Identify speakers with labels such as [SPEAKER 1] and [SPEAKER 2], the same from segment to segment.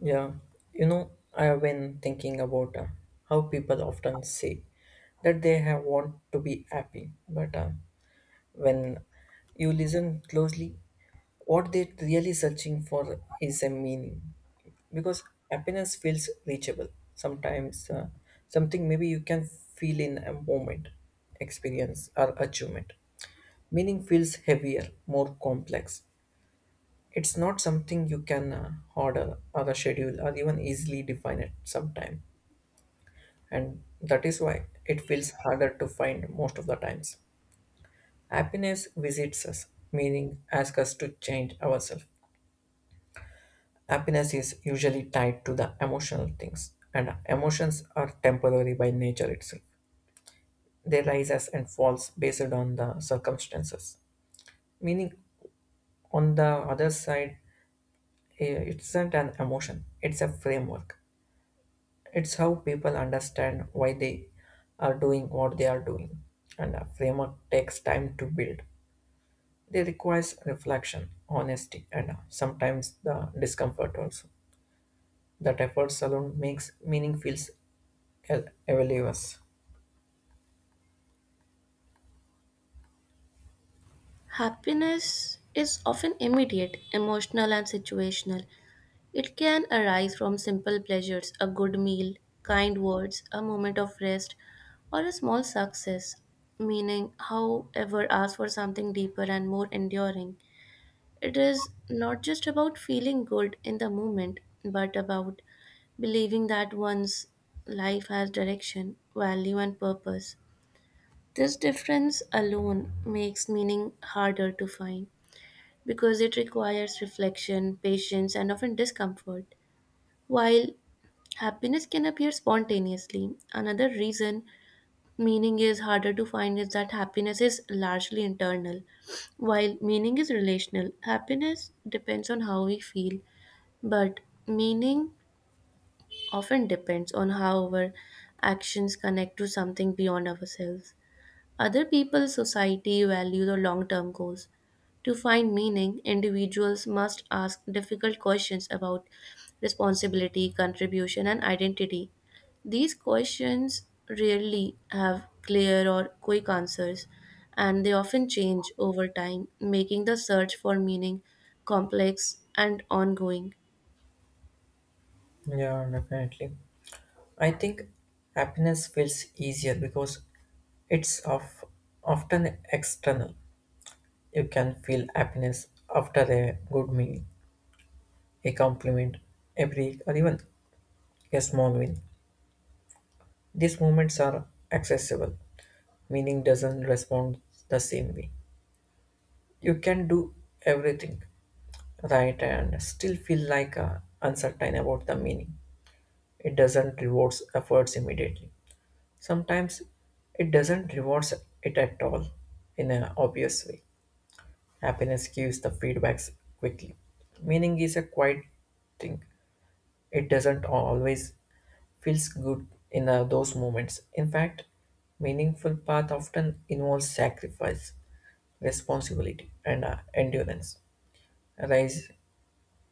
[SPEAKER 1] Yeah, you know, I have been thinking about how people often say that they have want to be happy, but when you listen closely, what they're really searching for is a meaning, because happiness feels reachable. Sometimes something maybe you can feel in a moment, experience or achievement. Meaning feels heavier, more complex, it's not something you can order or schedule or even easily define at some time. And that is why it feels harder to find most of the times. Happiness visits us, meaning asks us to change ourselves. Happiness is usually tied to the emotional things, and emotions are temporary by nature itself. They rises and falls based on the circumstances. Meaning, on the other side, it's not an emotion; it's a framework. It's how people understand why they are doing what they are doing. And a framework takes time to build. It requires reflection, honesty, and sometimes the discomfort also. That efforts alone makes meaning feels valueless.
[SPEAKER 2] Happiness is often immediate, emotional, and situational. It can arise from simple pleasures, a good meal, kind words, a moment of rest, or a small success. Meaning, however, asks for something deeper and more enduring. It is not just about feeling good in the moment, but about believing that one's life has direction, value, and purpose. This difference alone makes meaning harder to find because it requires reflection, patience, and often discomfort. While happiness can appear spontaneously, another reason meaning is harder to find is that happiness is largely internal. While meaning is relational, happiness depends on how we feel, but meaning often depends on how our actions connect to something beyond ourselves. Other people's society value the long-term goals. To find meaning, individuals must ask difficult questions about responsibility, contribution, and identity. These questions rarely have clear or quick answers, and they often change over time, making the search for meaning complex and ongoing.
[SPEAKER 1] Yeah, definitely. I think happiness feels easier because it's of often external. You can feel happiness after a good meal, a compliment, a break, or even a small win. These movements are accessible, meaning doesn't respond the same way. You can do everything right and still feel like uncertain about the meaning. It doesn't rewards efforts immediately. Sometimes it doesn't rewards it at all in an obvious way. Happiness gives the feedbacks quickly. Meaning is a quiet thing. It doesn't always feels good in those moments. In fact, meaningful path often involves sacrifice, responsibility, and endurance. Rise,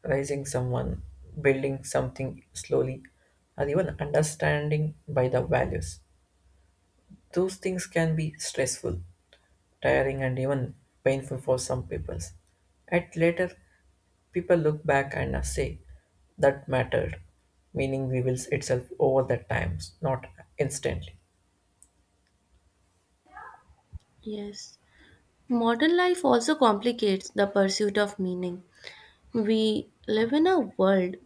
[SPEAKER 1] rising someone, building something slowly, or even understanding by the values. Those things can be stressful, tiring, and even painful for some people. At later, people look back and say, that mattered, meaning reveals itself over the times, not instantly.
[SPEAKER 2] Yes. Modern life also complicates the pursuit of meaning. We live in a world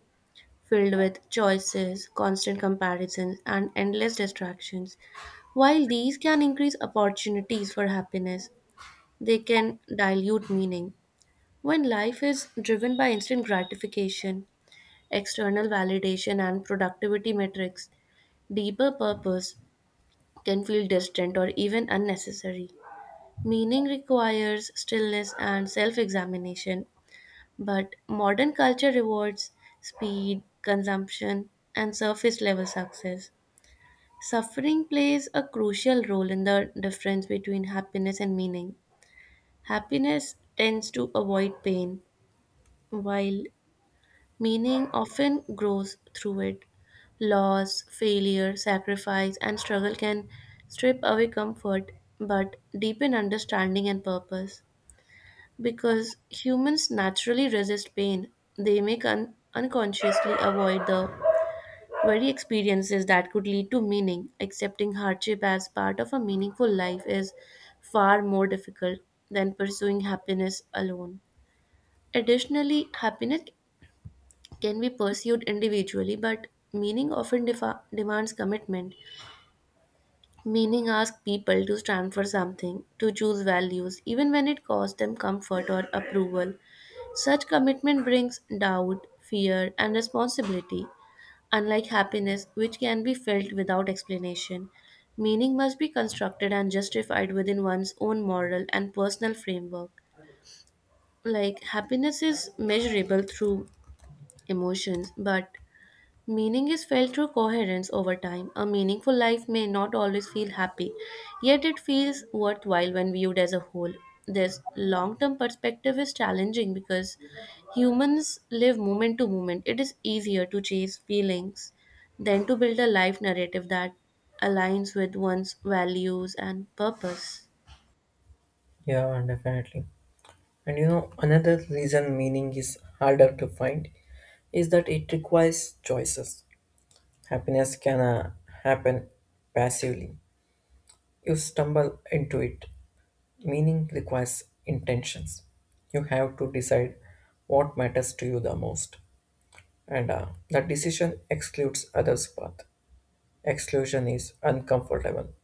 [SPEAKER 2] filled with choices, constant comparisons, and endless distractions. While these can increase opportunities for happiness, they can dilute meaning. When life is driven by instant gratification, external validation, and productivity metrics, deeper purpose can feel distant or even unnecessary. Meaning requires stillness and self examination, but modern culture rewards speed, consumption, and surface level success. Suffering plays a crucial role in the difference between happiness and meaning. Happiness tends to avoid pain, while meaning often grows through it. Loss, failure, sacrifice, and struggle can strip away comfort but deepen understanding and purpose. Because humans naturally resist pain, they may unconsciously avoid the Worry experiences that could lead to meaning, accepting hardship as part of a meaningful life is far more difficult than pursuing happiness alone. Additionally, happiness can be pursued individually, but meaning often demands commitment. Meaning asks people to stand for something, to choose values, even when it costs them comfort or approval. Such commitment brings doubt, fear, and responsibility. Unlike happiness, which can be felt without explanation, meaning must be constructed and justified within one's own moral and personal framework. Like, happiness is measurable through emotions, but meaning is felt through coherence over time. A meaningful life may not always feel happy, yet it feels worthwhile when viewed as a whole. This long term perspective is challenging because humans live moment to moment. It is easier to chase feelings than to build a life narrative that aligns with one's values and purpose.
[SPEAKER 1] Yeah, definitely. And you know, another reason meaning is harder to find is that it requires choices. Happiness can happen passively. You stumble into it. Meaning requires intentions. You have to decide what matters to you the most. And that decision excludes others' path. Exclusion is uncomfortable.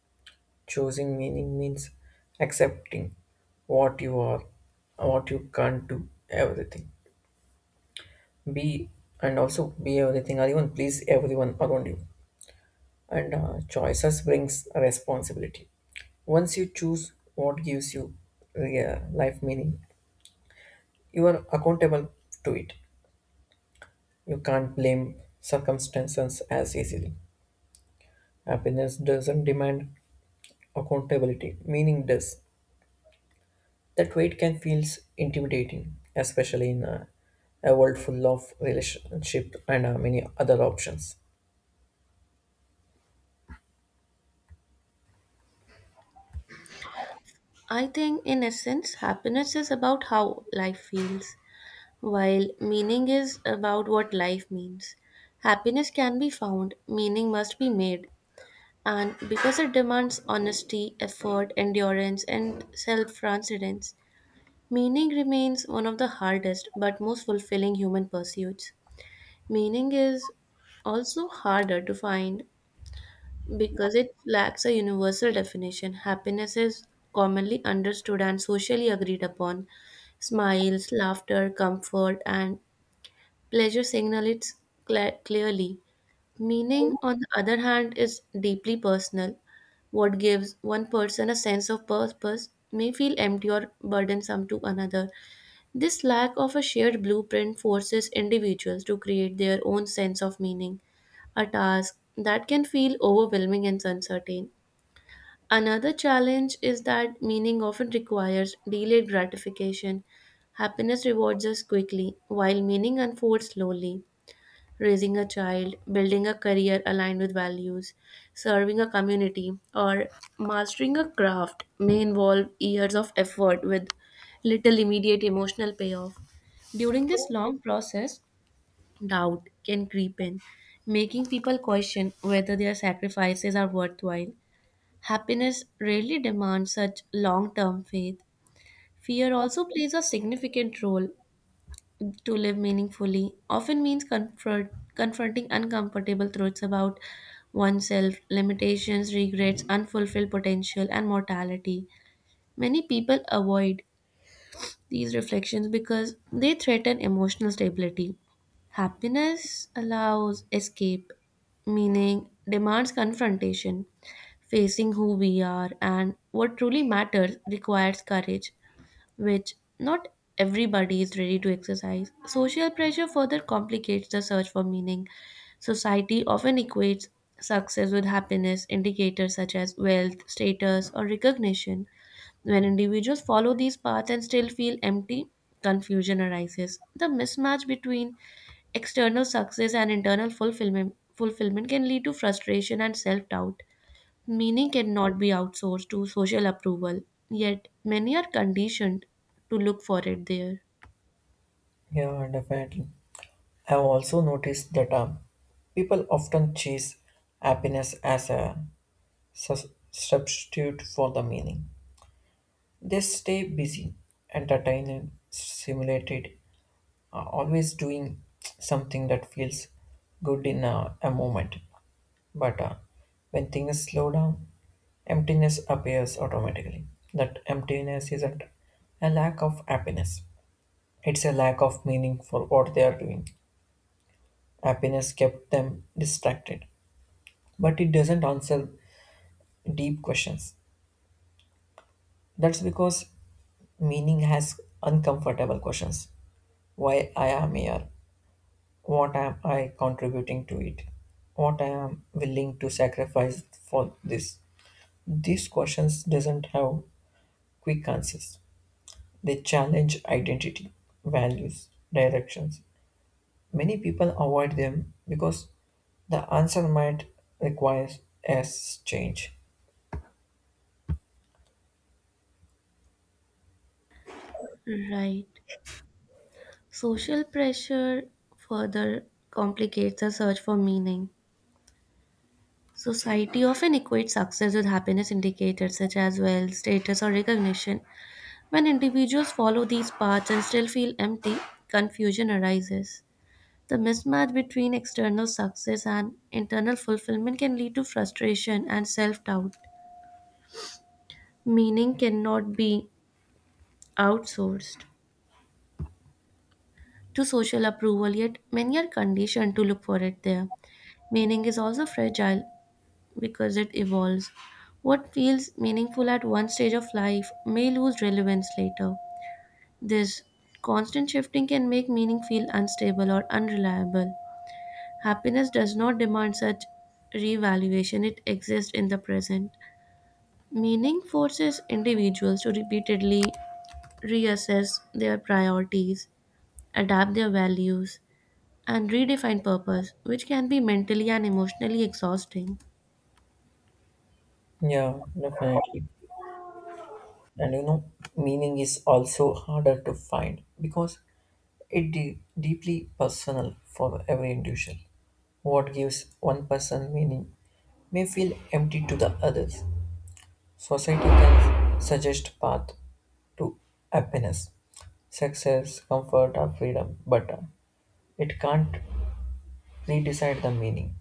[SPEAKER 1] Choosing meaning means accepting what you are, what you can't do, everything. Be and also be everything or even please everyone around you, and choices brings responsibility. Once you choose what gives you life meaning, you are accountable to it. You can't blame circumstances as easily. Happiness doesn't demand accountability, meaning does. That weight can feel intimidating, especially in a world full of relationship and many other options.
[SPEAKER 2] I think, in essence, happiness is about how life feels. While meaning is about what life means, happiness can be found, meaning must be made. And because it demands honesty, effort, endurance, and self transcendence, meaning remains one of the hardest but most fulfilling human pursuits. Meaning is also harder to find because it lacks a universal definition. Happiness is commonly understood and socially agreed upon. Smiles, laughter, comfort, and pleasure signals cla clearly. Meaning, on the other hand, is deeply personal. What gives one person a sense of purpose may feel empty or burdensome to another. This lack of a shared blueprint forces individuals to create their own sense of meaning, a task that can feel overwhelming and uncertain. Another challenge is that meaning often requires delayed gratification. Happiness rewards us quickly, while meaning unfolds slowly. Raising a child, building a career aligned with values, serving a community, or mastering a craft may involve years of effort with little immediate emotional payoff. During this long process, doubt can creep in, making people question whether their sacrifices are worthwhile. Happiness rarely demands such long term faith. Fear also plays a significant role to live meaningfully, often means confronting uncomfortable truths about oneself, limitations, regrets, unfulfilled potential, and mortality. Many people avoid these reflections because they threaten emotional stability. Happiness allows escape, meaning demands confrontation. Facing who we are and what truly matters requires courage which not everybody is ready to exercise. Social pressure further complicates the search for meaning. Society often equates success with happiness, indicators such as wealth, status, or recognition. When individuals follow these paths and still feel empty, confusion arises. The mismatch between external success and internal fulfillment can lead to frustration and self doubt. Meaning cannot be outsourced to social approval, yet many are conditioned to look for it there.
[SPEAKER 1] Yeah, definitely. I've also noticed that people often chase happiness as a substitute for the meaning. They stay busy, entertained, stimulated, always doing something that feels good in a moment. But when things slow down, emptiness appears automatically. That emptiness isn't a lack of happiness, it's a lack of meaning for what they are doing. Happiness kept them distracted but it doesn't answer deep questions. That's because meaning has uncomfortable questions. Why I am here? What am I contributing to it? What I am willing to sacrifice for this? These questions doesn't have quick answers. They challenge identity, values, directions. Many people avoid them because the answer might require a change.
[SPEAKER 2] Right. Social pressure further complicates the search for meaning. Society often equates success with happiness indicators such as wealth, status, or recognition. When individuals follow these paths and still feel empty, confusion arises. The mismatch between external success and internal fulfillment can lead to frustration and self doubt. Meaning cannot be outsourced to social approval, yet many are conditioned to look for it there. Meaning is also fragile because it evolves. What feels meaningful at one stage of life may lose relevance later. This constant shifting can make meaning feel unstable or unreliable. Happiness does not demand such revaluation, it exists in the present. Meaning forces individuals to repeatedly reassess their priorities, adapt their values, and redefine purpose, which can be mentally and emotionally exhausting.
[SPEAKER 1] Yeah, definitely. And you know, meaning is also harder to find because deeply personal for every individual. What gives one person meaning may feel empty to the others. Society can suggest path to happiness, success, comfort or freedom, but it can't redecide the meaning.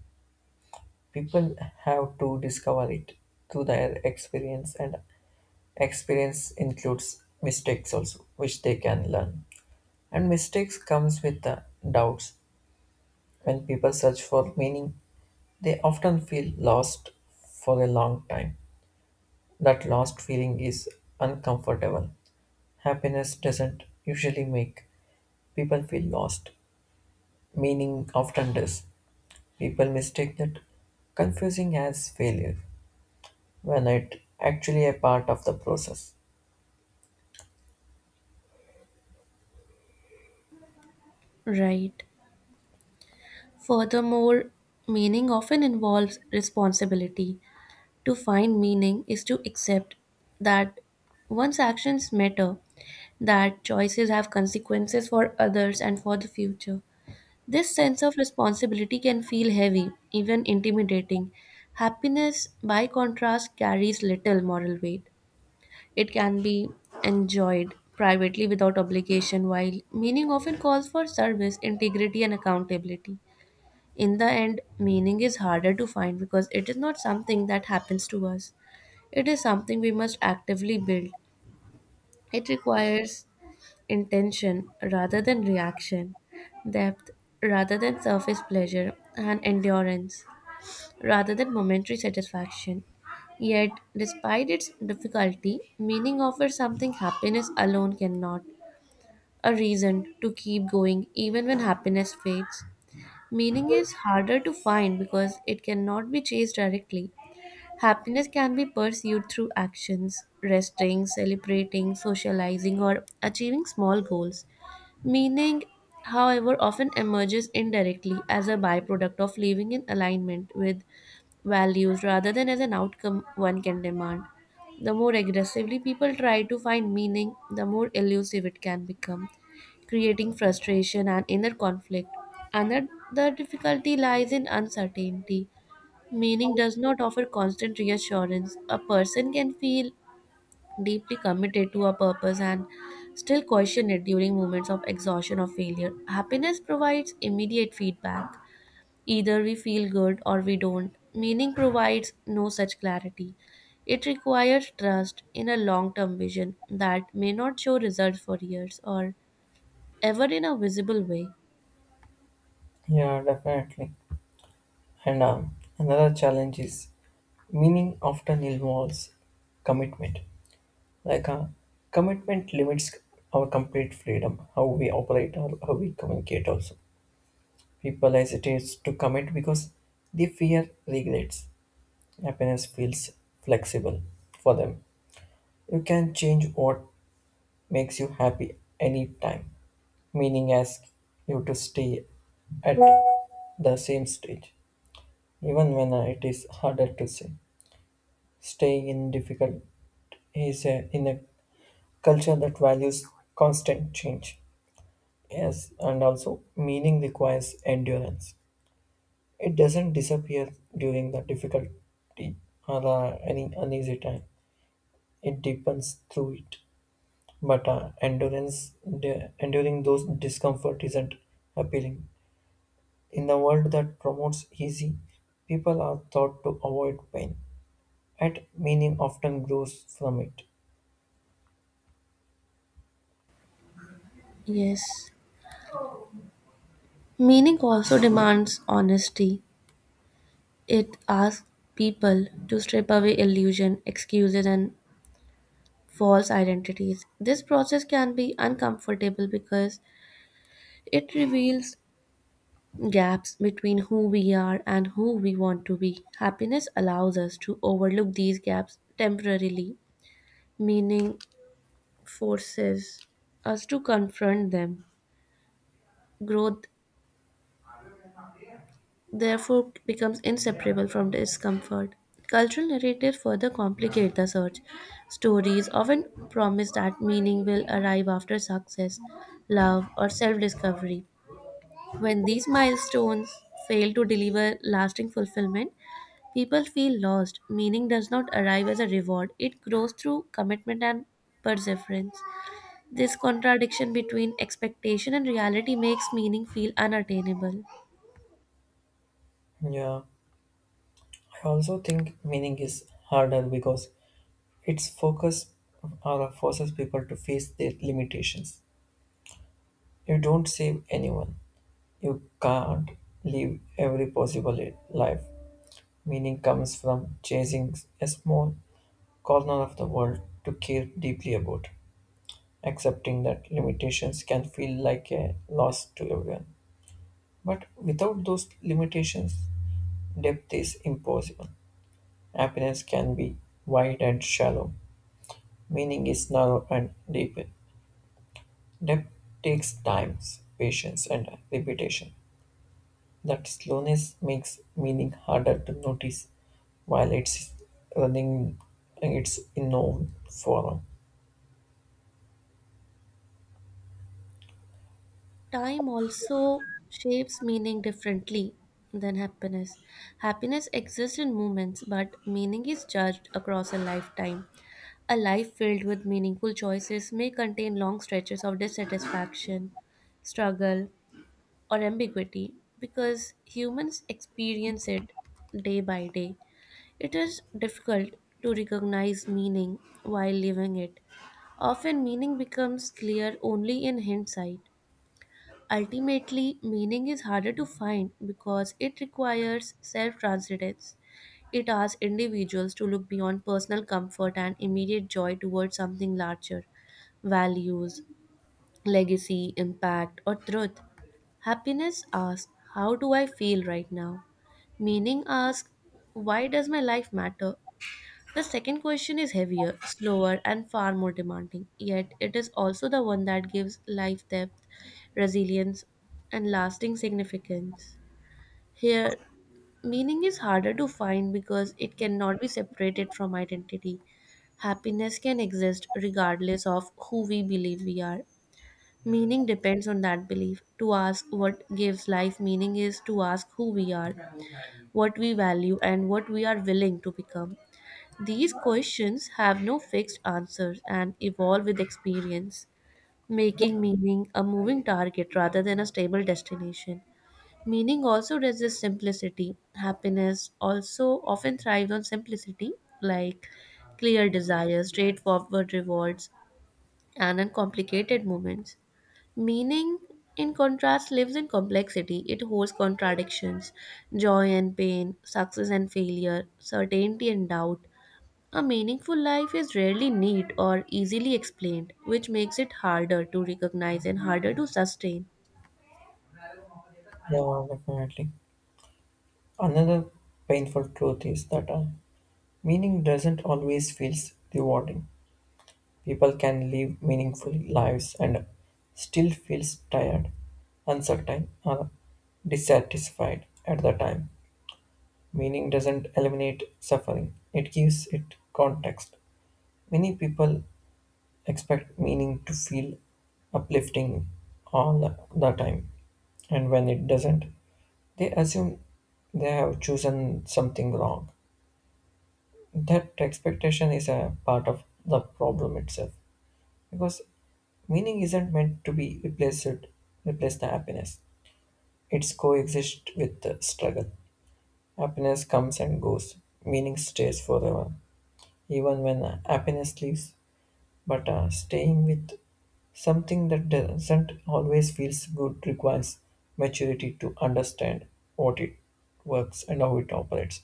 [SPEAKER 1] People have to discover it through their experience, and experience includes mistakes also, which they can learn. And mistakes comes with the doubts. When people search for meaning, they often feel lost for a long time. That lost feeling is uncomfortable. Happiness doesn't usually make people feel lost. Meaning often does. People mistake that confusing as failure when it actually a part of the process.
[SPEAKER 2] Right. Furthermore, meaning often involves responsibility. To find meaning is to accept that one's actions matter, that choices have consequences for others and for the future. This sense of responsibility can feel heavy, even intimidating. Happiness, by contrast, carries little moral weight. It can be enjoyed privately without obligation, while meaning often calls for service, integrity, and accountability. In the end, meaning is harder to find because it is not something that happens to us, it is something we must actively build. It requires intention rather than reaction, depth rather than surface pleasure, and endurance rather than momentary satisfaction. Yet, despite its difficulty, meaning offers something happiness alone cannot, a reason to keep going even when happiness fades. Meaning is harder to find because it cannot be chased directly. Happiness can be pursued through actions, resting, celebrating, socializing, or achieving small goals. Meaning, however, often emerges indirectly as a byproduct of living in alignment with values rather than as an outcome one can demand. The more aggressively people try to find meaning, the more elusive it can become, creating frustration and inner conflict. Another difficulty lies in uncertainty. Meaning does not offer constant reassurance. A person can feel deeply committed to a purpose and still question it during moments of exhaustion or failure. Happiness provides immediate feedback. Either we feel good or we don't. Meaning provides no such clarity. It requires trust in a long term vision that may not show results for years or ever in a visible way.
[SPEAKER 1] Yeah, definitely. And another challenge is meaning often involves commitment. Like commitment limits our complete freedom, how we operate or how we communicate also. People hesitate to commit because they fear regrets. Happiness feels flexible for them. You can change what makes you happy anytime. Meaning asks you to stay at the same stage, even when it is harder to say. Staying in difficult is in a culture that values constant change. Yes, and also meaning requires endurance. It doesn't disappear during the difficulty or any uneasy time. It deepens through it. But endurance, enduring those discomfort isn't appealing. In the world that promotes easy, people are taught to avoid pain. Yet meaning often grows from it.
[SPEAKER 2] Yes. Meaning also demands honesty. It asks people to strip away illusion, excuses, and false identities. This process can be uncomfortable because it reveals gaps between who we are and who we want to be. Happiness allows us to overlook these gaps temporarily, meaning forces us to confront them. Growth therefore becomes inseparable from discomfort. Cultural narratives further complicate the search. Stories often promise that meaning will arrive after success, love, or self discovery. When these milestones fail to deliver lasting fulfillment, people feel lost. Meaning does not arrive as a reward, it grows through commitment and perseverance. This contradiction between expectation and reality makes meaning feel unattainable.
[SPEAKER 1] Yeah, I also think meaning is harder because its focus or forces people to face their limitations. You don't save anyone. You can't live every possible life. Meaning comes from chasing a small corner of the world to care deeply about. Accepting that limitations can feel like a loss to everyone. But without those limitations, depth is impossible. Happiness can be wide and shallow. Meaning is narrow and deep. Depth takes time, patience, and repetition. That slowness makes meaning harder to notice while it's running its own forum.
[SPEAKER 2] Time also shapes meaning differently than happiness. Happiness exists in moments, but meaning is judged across a lifetime. A life filled with meaningful choices may contain long stretches of dissatisfaction, struggle, or ambiguity because humans experience it day by day. It is difficult to recognize meaning while living it. Often, meaning becomes clear only in hindsight. Ultimately, meaning is harder to find because it requires self transcendence. It asks individuals to look beyond personal comfort and immediate joy towards something larger, values, legacy, impact, or truth. Happiness asks, how do I feel right now? Meaning asks, why does my life matter? The second question is heavier, slower, and far more demanding, yet it is also the one that gives life depth, resilience, and lasting significance. Here, meaning is harder to find because it cannot be separated from identity. Happiness can exist regardless of who we believe we are. Meaning depends on that belief. To ask what gives life meaning is to ask who we are, what we value, and what we are willing to become. These questions have no fixed answers and evolve with experience, making meaning a moving target rather than a stable destination. Meaning also resists simplicity. Happiness also often thrives on simplicity, like clear desires, straightforward rewards, and uncomplicated moments. Meaning, in contrast, lives in complexity. It holds contradictions, joy and pain, success and failure, certainty and doubt. A meaningful life is rarely neat or easily explained, which makes it harder to recognize and harder to sustain.
[SPEAKER 1] Yeah, definitely. Another painful truth is that meaning doesn't always feel rewarding. People can live meaningful lives and still feels tired, uncertain, or dissatisfied at the time. Meaning doesn't eliminate suffering, it gives it context. Many people expect meaning to feel uplifting all the time. And when it doesn't, they assume they have chosen something wrong. That expectation is a part of the problem itself because meaning isn't meant to be replace the happiness. It's coexist with the struggle. Happiness comes and goes. Meaning stays forever, even when happiness leaves. But staying with something that doesn't always feels good requires maturity to understand what it works and how it operates.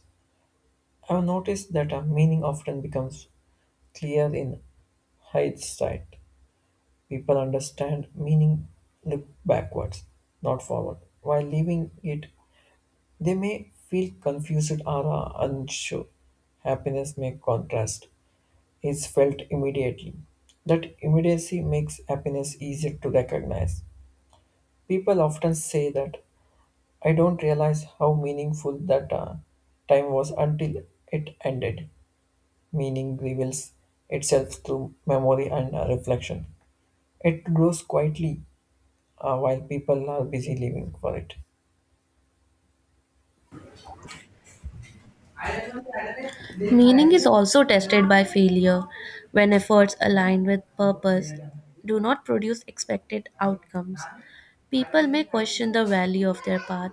[SPEAKER 1] I've noticed that a meaning often becomes clear in hindsight. People understand meaning look backwards, not forward. While leaving it, they may feel confused or unsure. Happiness may contrast is felt immediately. That immediacy makes happiness easier to recognize. People often say that I don't realize how meaningful that time was until it ended. Meaning reveals itself through memory and reflection. It grows quietly while people are busy living for it.
[SPEAKER 2] Meaning is also tested by failure when efforts aligned with purpose do not produce expected outcomes. People may question the value of their path.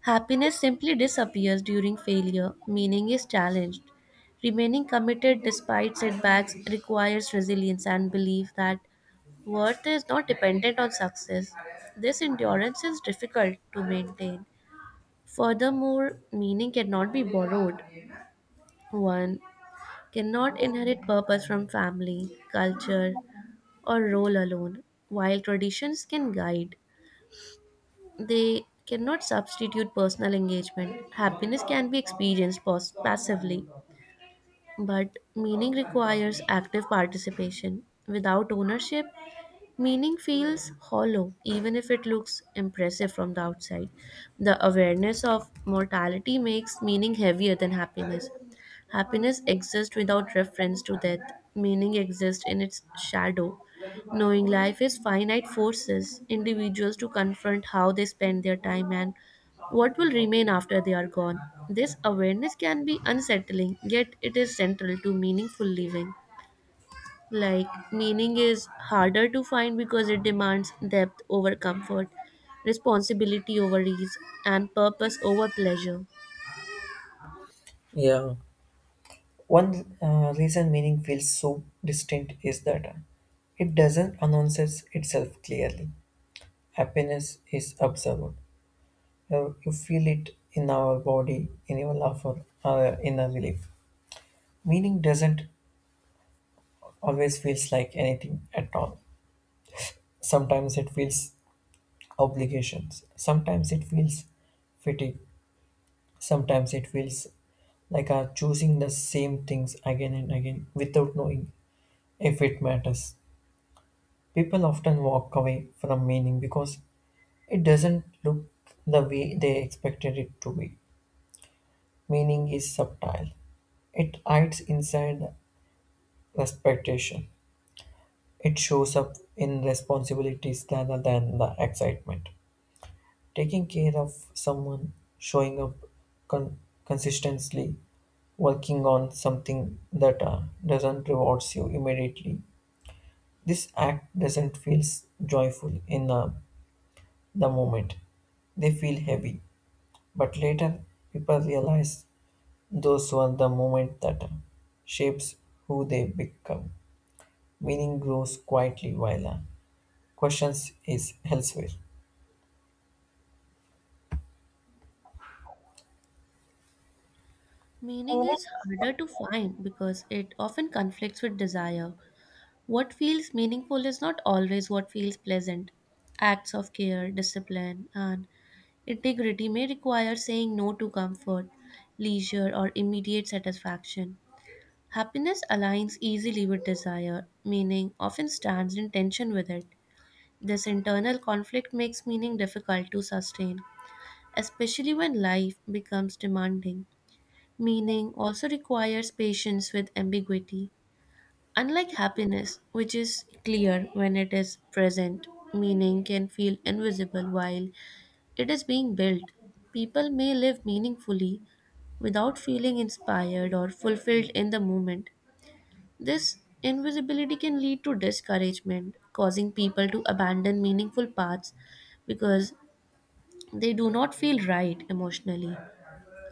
[SPEAKER 2] Happiness simply disappears during failure, meaning is challenged. Remaining committed despite setbacks requires resilience and belief that worth is not dependent on success. This endurance is difficult to maintain. Furthermore, meaning cannot be borrowed. One cannot inherit purpose from family, culture, or role alone. While traditions can guide, they cannot substitute personal engagement. Happiness can be experienced passively, but meaning requires active participation. Without ownership, meaning feels hollow, even if it looks impressive from the outside. The awareness of mortality makes meaning heavier than happiness. Happiness exists without reference to death, meaning exists in its shadow. Knowing life is finite forces individuals to confront how they spend their time and what will remain after they are gone. This awareness can be unsettling, yet it is central to meaningful living. Like, meaning is harder to find because it demands depth over comfort, responsibility over ease, and purpose over pleasure.
[SPEAKER 1] Yeah, one reason meaning feels so distinct is that it doesn't announces itself clearly. Happiness is observed, you feel it in our body, in your love for our inner relief. Meaning doesn't always feels like anything at all. Sometimes it feels obligations. Sometimes it feels fatigue. Sometimes it feels like are choosing the same things again and again without knowing if it matters. People often walk away from meaning because it doesn't look the way they expected it to be. Meaning is subtle. It hides inside expectation. It shows up in responsibilities rather than the excitement. Taking care of someone, showing up con- consistently, working on something that doesn't rewards you immediately. This act doesn't feel joyful in the moment. They feel heavy, but later people realize those were the moment that shapes who they become. Meaning grows quietly while questions is elsewhere.
[SPEAKER 2] Meaning is harder to find because it often conflicts with desire. What feels meaningful is not always what feels pleasant. Acts of care, discipline, and integrity may require saying no to comfort, leisure, or immediate satisfaction. Happiness aligns easily with desire, meaning often stands in tension with it. This internal conflict makes meaning difficult to sustain, especially when life becomes demanding. Meaning also requires patience with ambiguity. Unlike happiness, which is clear when it is present, meaning can feel invisible while it is being built. People may live meaningfully without feeling inspired or fulfilled in the moment. This invisibility can lead to discouragement, causing people to abandon meaningful paths because they do not feel right emotionally.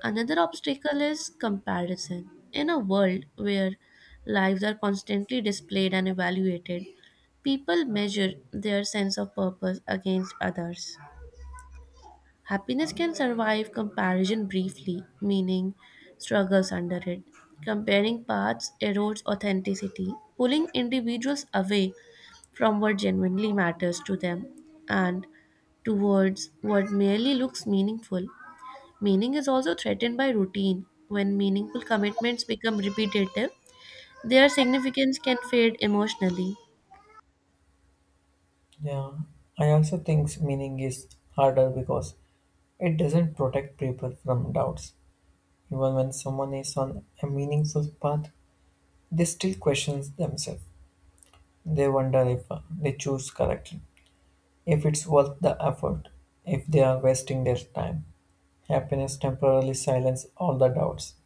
[SPEAKER 2] Another obstacle is comparison. In a world where lives are constantly displayed and evaluated, people measure their sense of purpose against others. Happiness can survive comparison briefly, meaning struggles under it. Comparing paths erodes authenticity, pulling individuals away from what genuinely matters to them and towards what merely looks meaningful. Meaning is also threatened by routine. When meaningful commitments become repetitive, their significance can fade emotionally.
[SPEAKER 1] Yeah, I also think meaning is harder because it doesn't protect people from doubts. Even when someone is on a meaningful path, they still question themselves. They wonder if they choose correctly, if it's worth the effort, if they are wasting their time. Happiness temporarily silences all the doubts.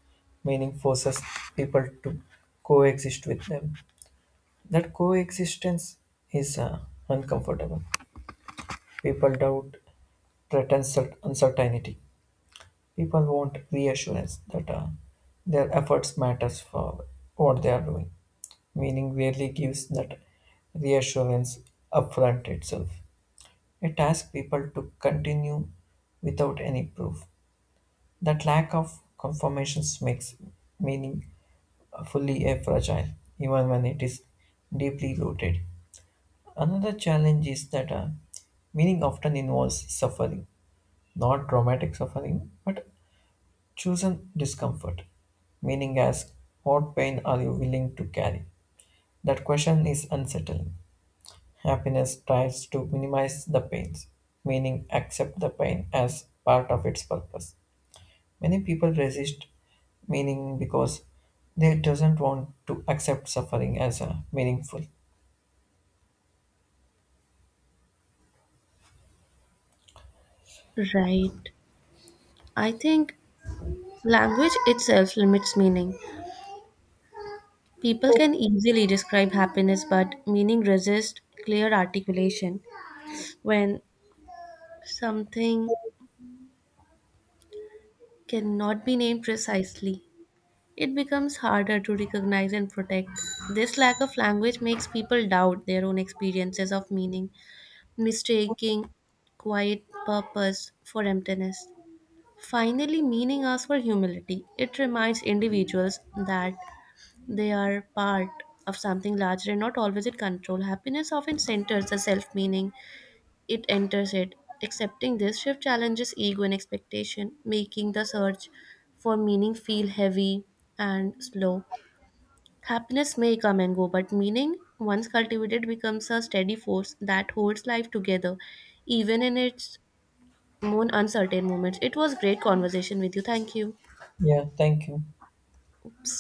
[SPEAKER 1] Meaning forces people to coexist with them. That coexistence is uncomfortable. People doubt threatens uncertainty. People want reassurance that their efforts matters for what they are doing. Meaning rarely gives that reassurance upfront itself. It asks people to continue without any proof. That lack of confirmations makes meaning fully a fragile, even when it is deeply rooted. Another challenge is that meaning often involves suffering, not traumatic suffering, but chosen discomfort, meaning as what pain are you willing to carry? That question is unsettling. Happiness tries to minimize the pains, meaning accept the pain as part of its purpose. Many people resist meaning because they doesn't want to accept suffering as a meaningful.
[SPEAKER 2] Right. I think language itself limits meaning. People can easily describe happiness, but meaning resists clear articulation. When something cannot be named precisely, it becomes harder to recognize and protect. This lack of language makes people doubt their own experiences of meaning, mistaking quiet purpose for emptiness. Finally, meaning asks for humility. It reminds individuals that they are part of something larger and not always in control. Happiness often centers the self meaning, it enters it. Accepting this shift challenges ego and expectation, making the search for meaning feel heavy and slow. Happiness may come and go, but meaning, once cultivated, becomes a steady force that holds life together, even in its more uncertain moments. It was great conversation with you. Thank you.
[SPEAKER 1] Yeah, thank you.
[SPEAKER 2] Oops.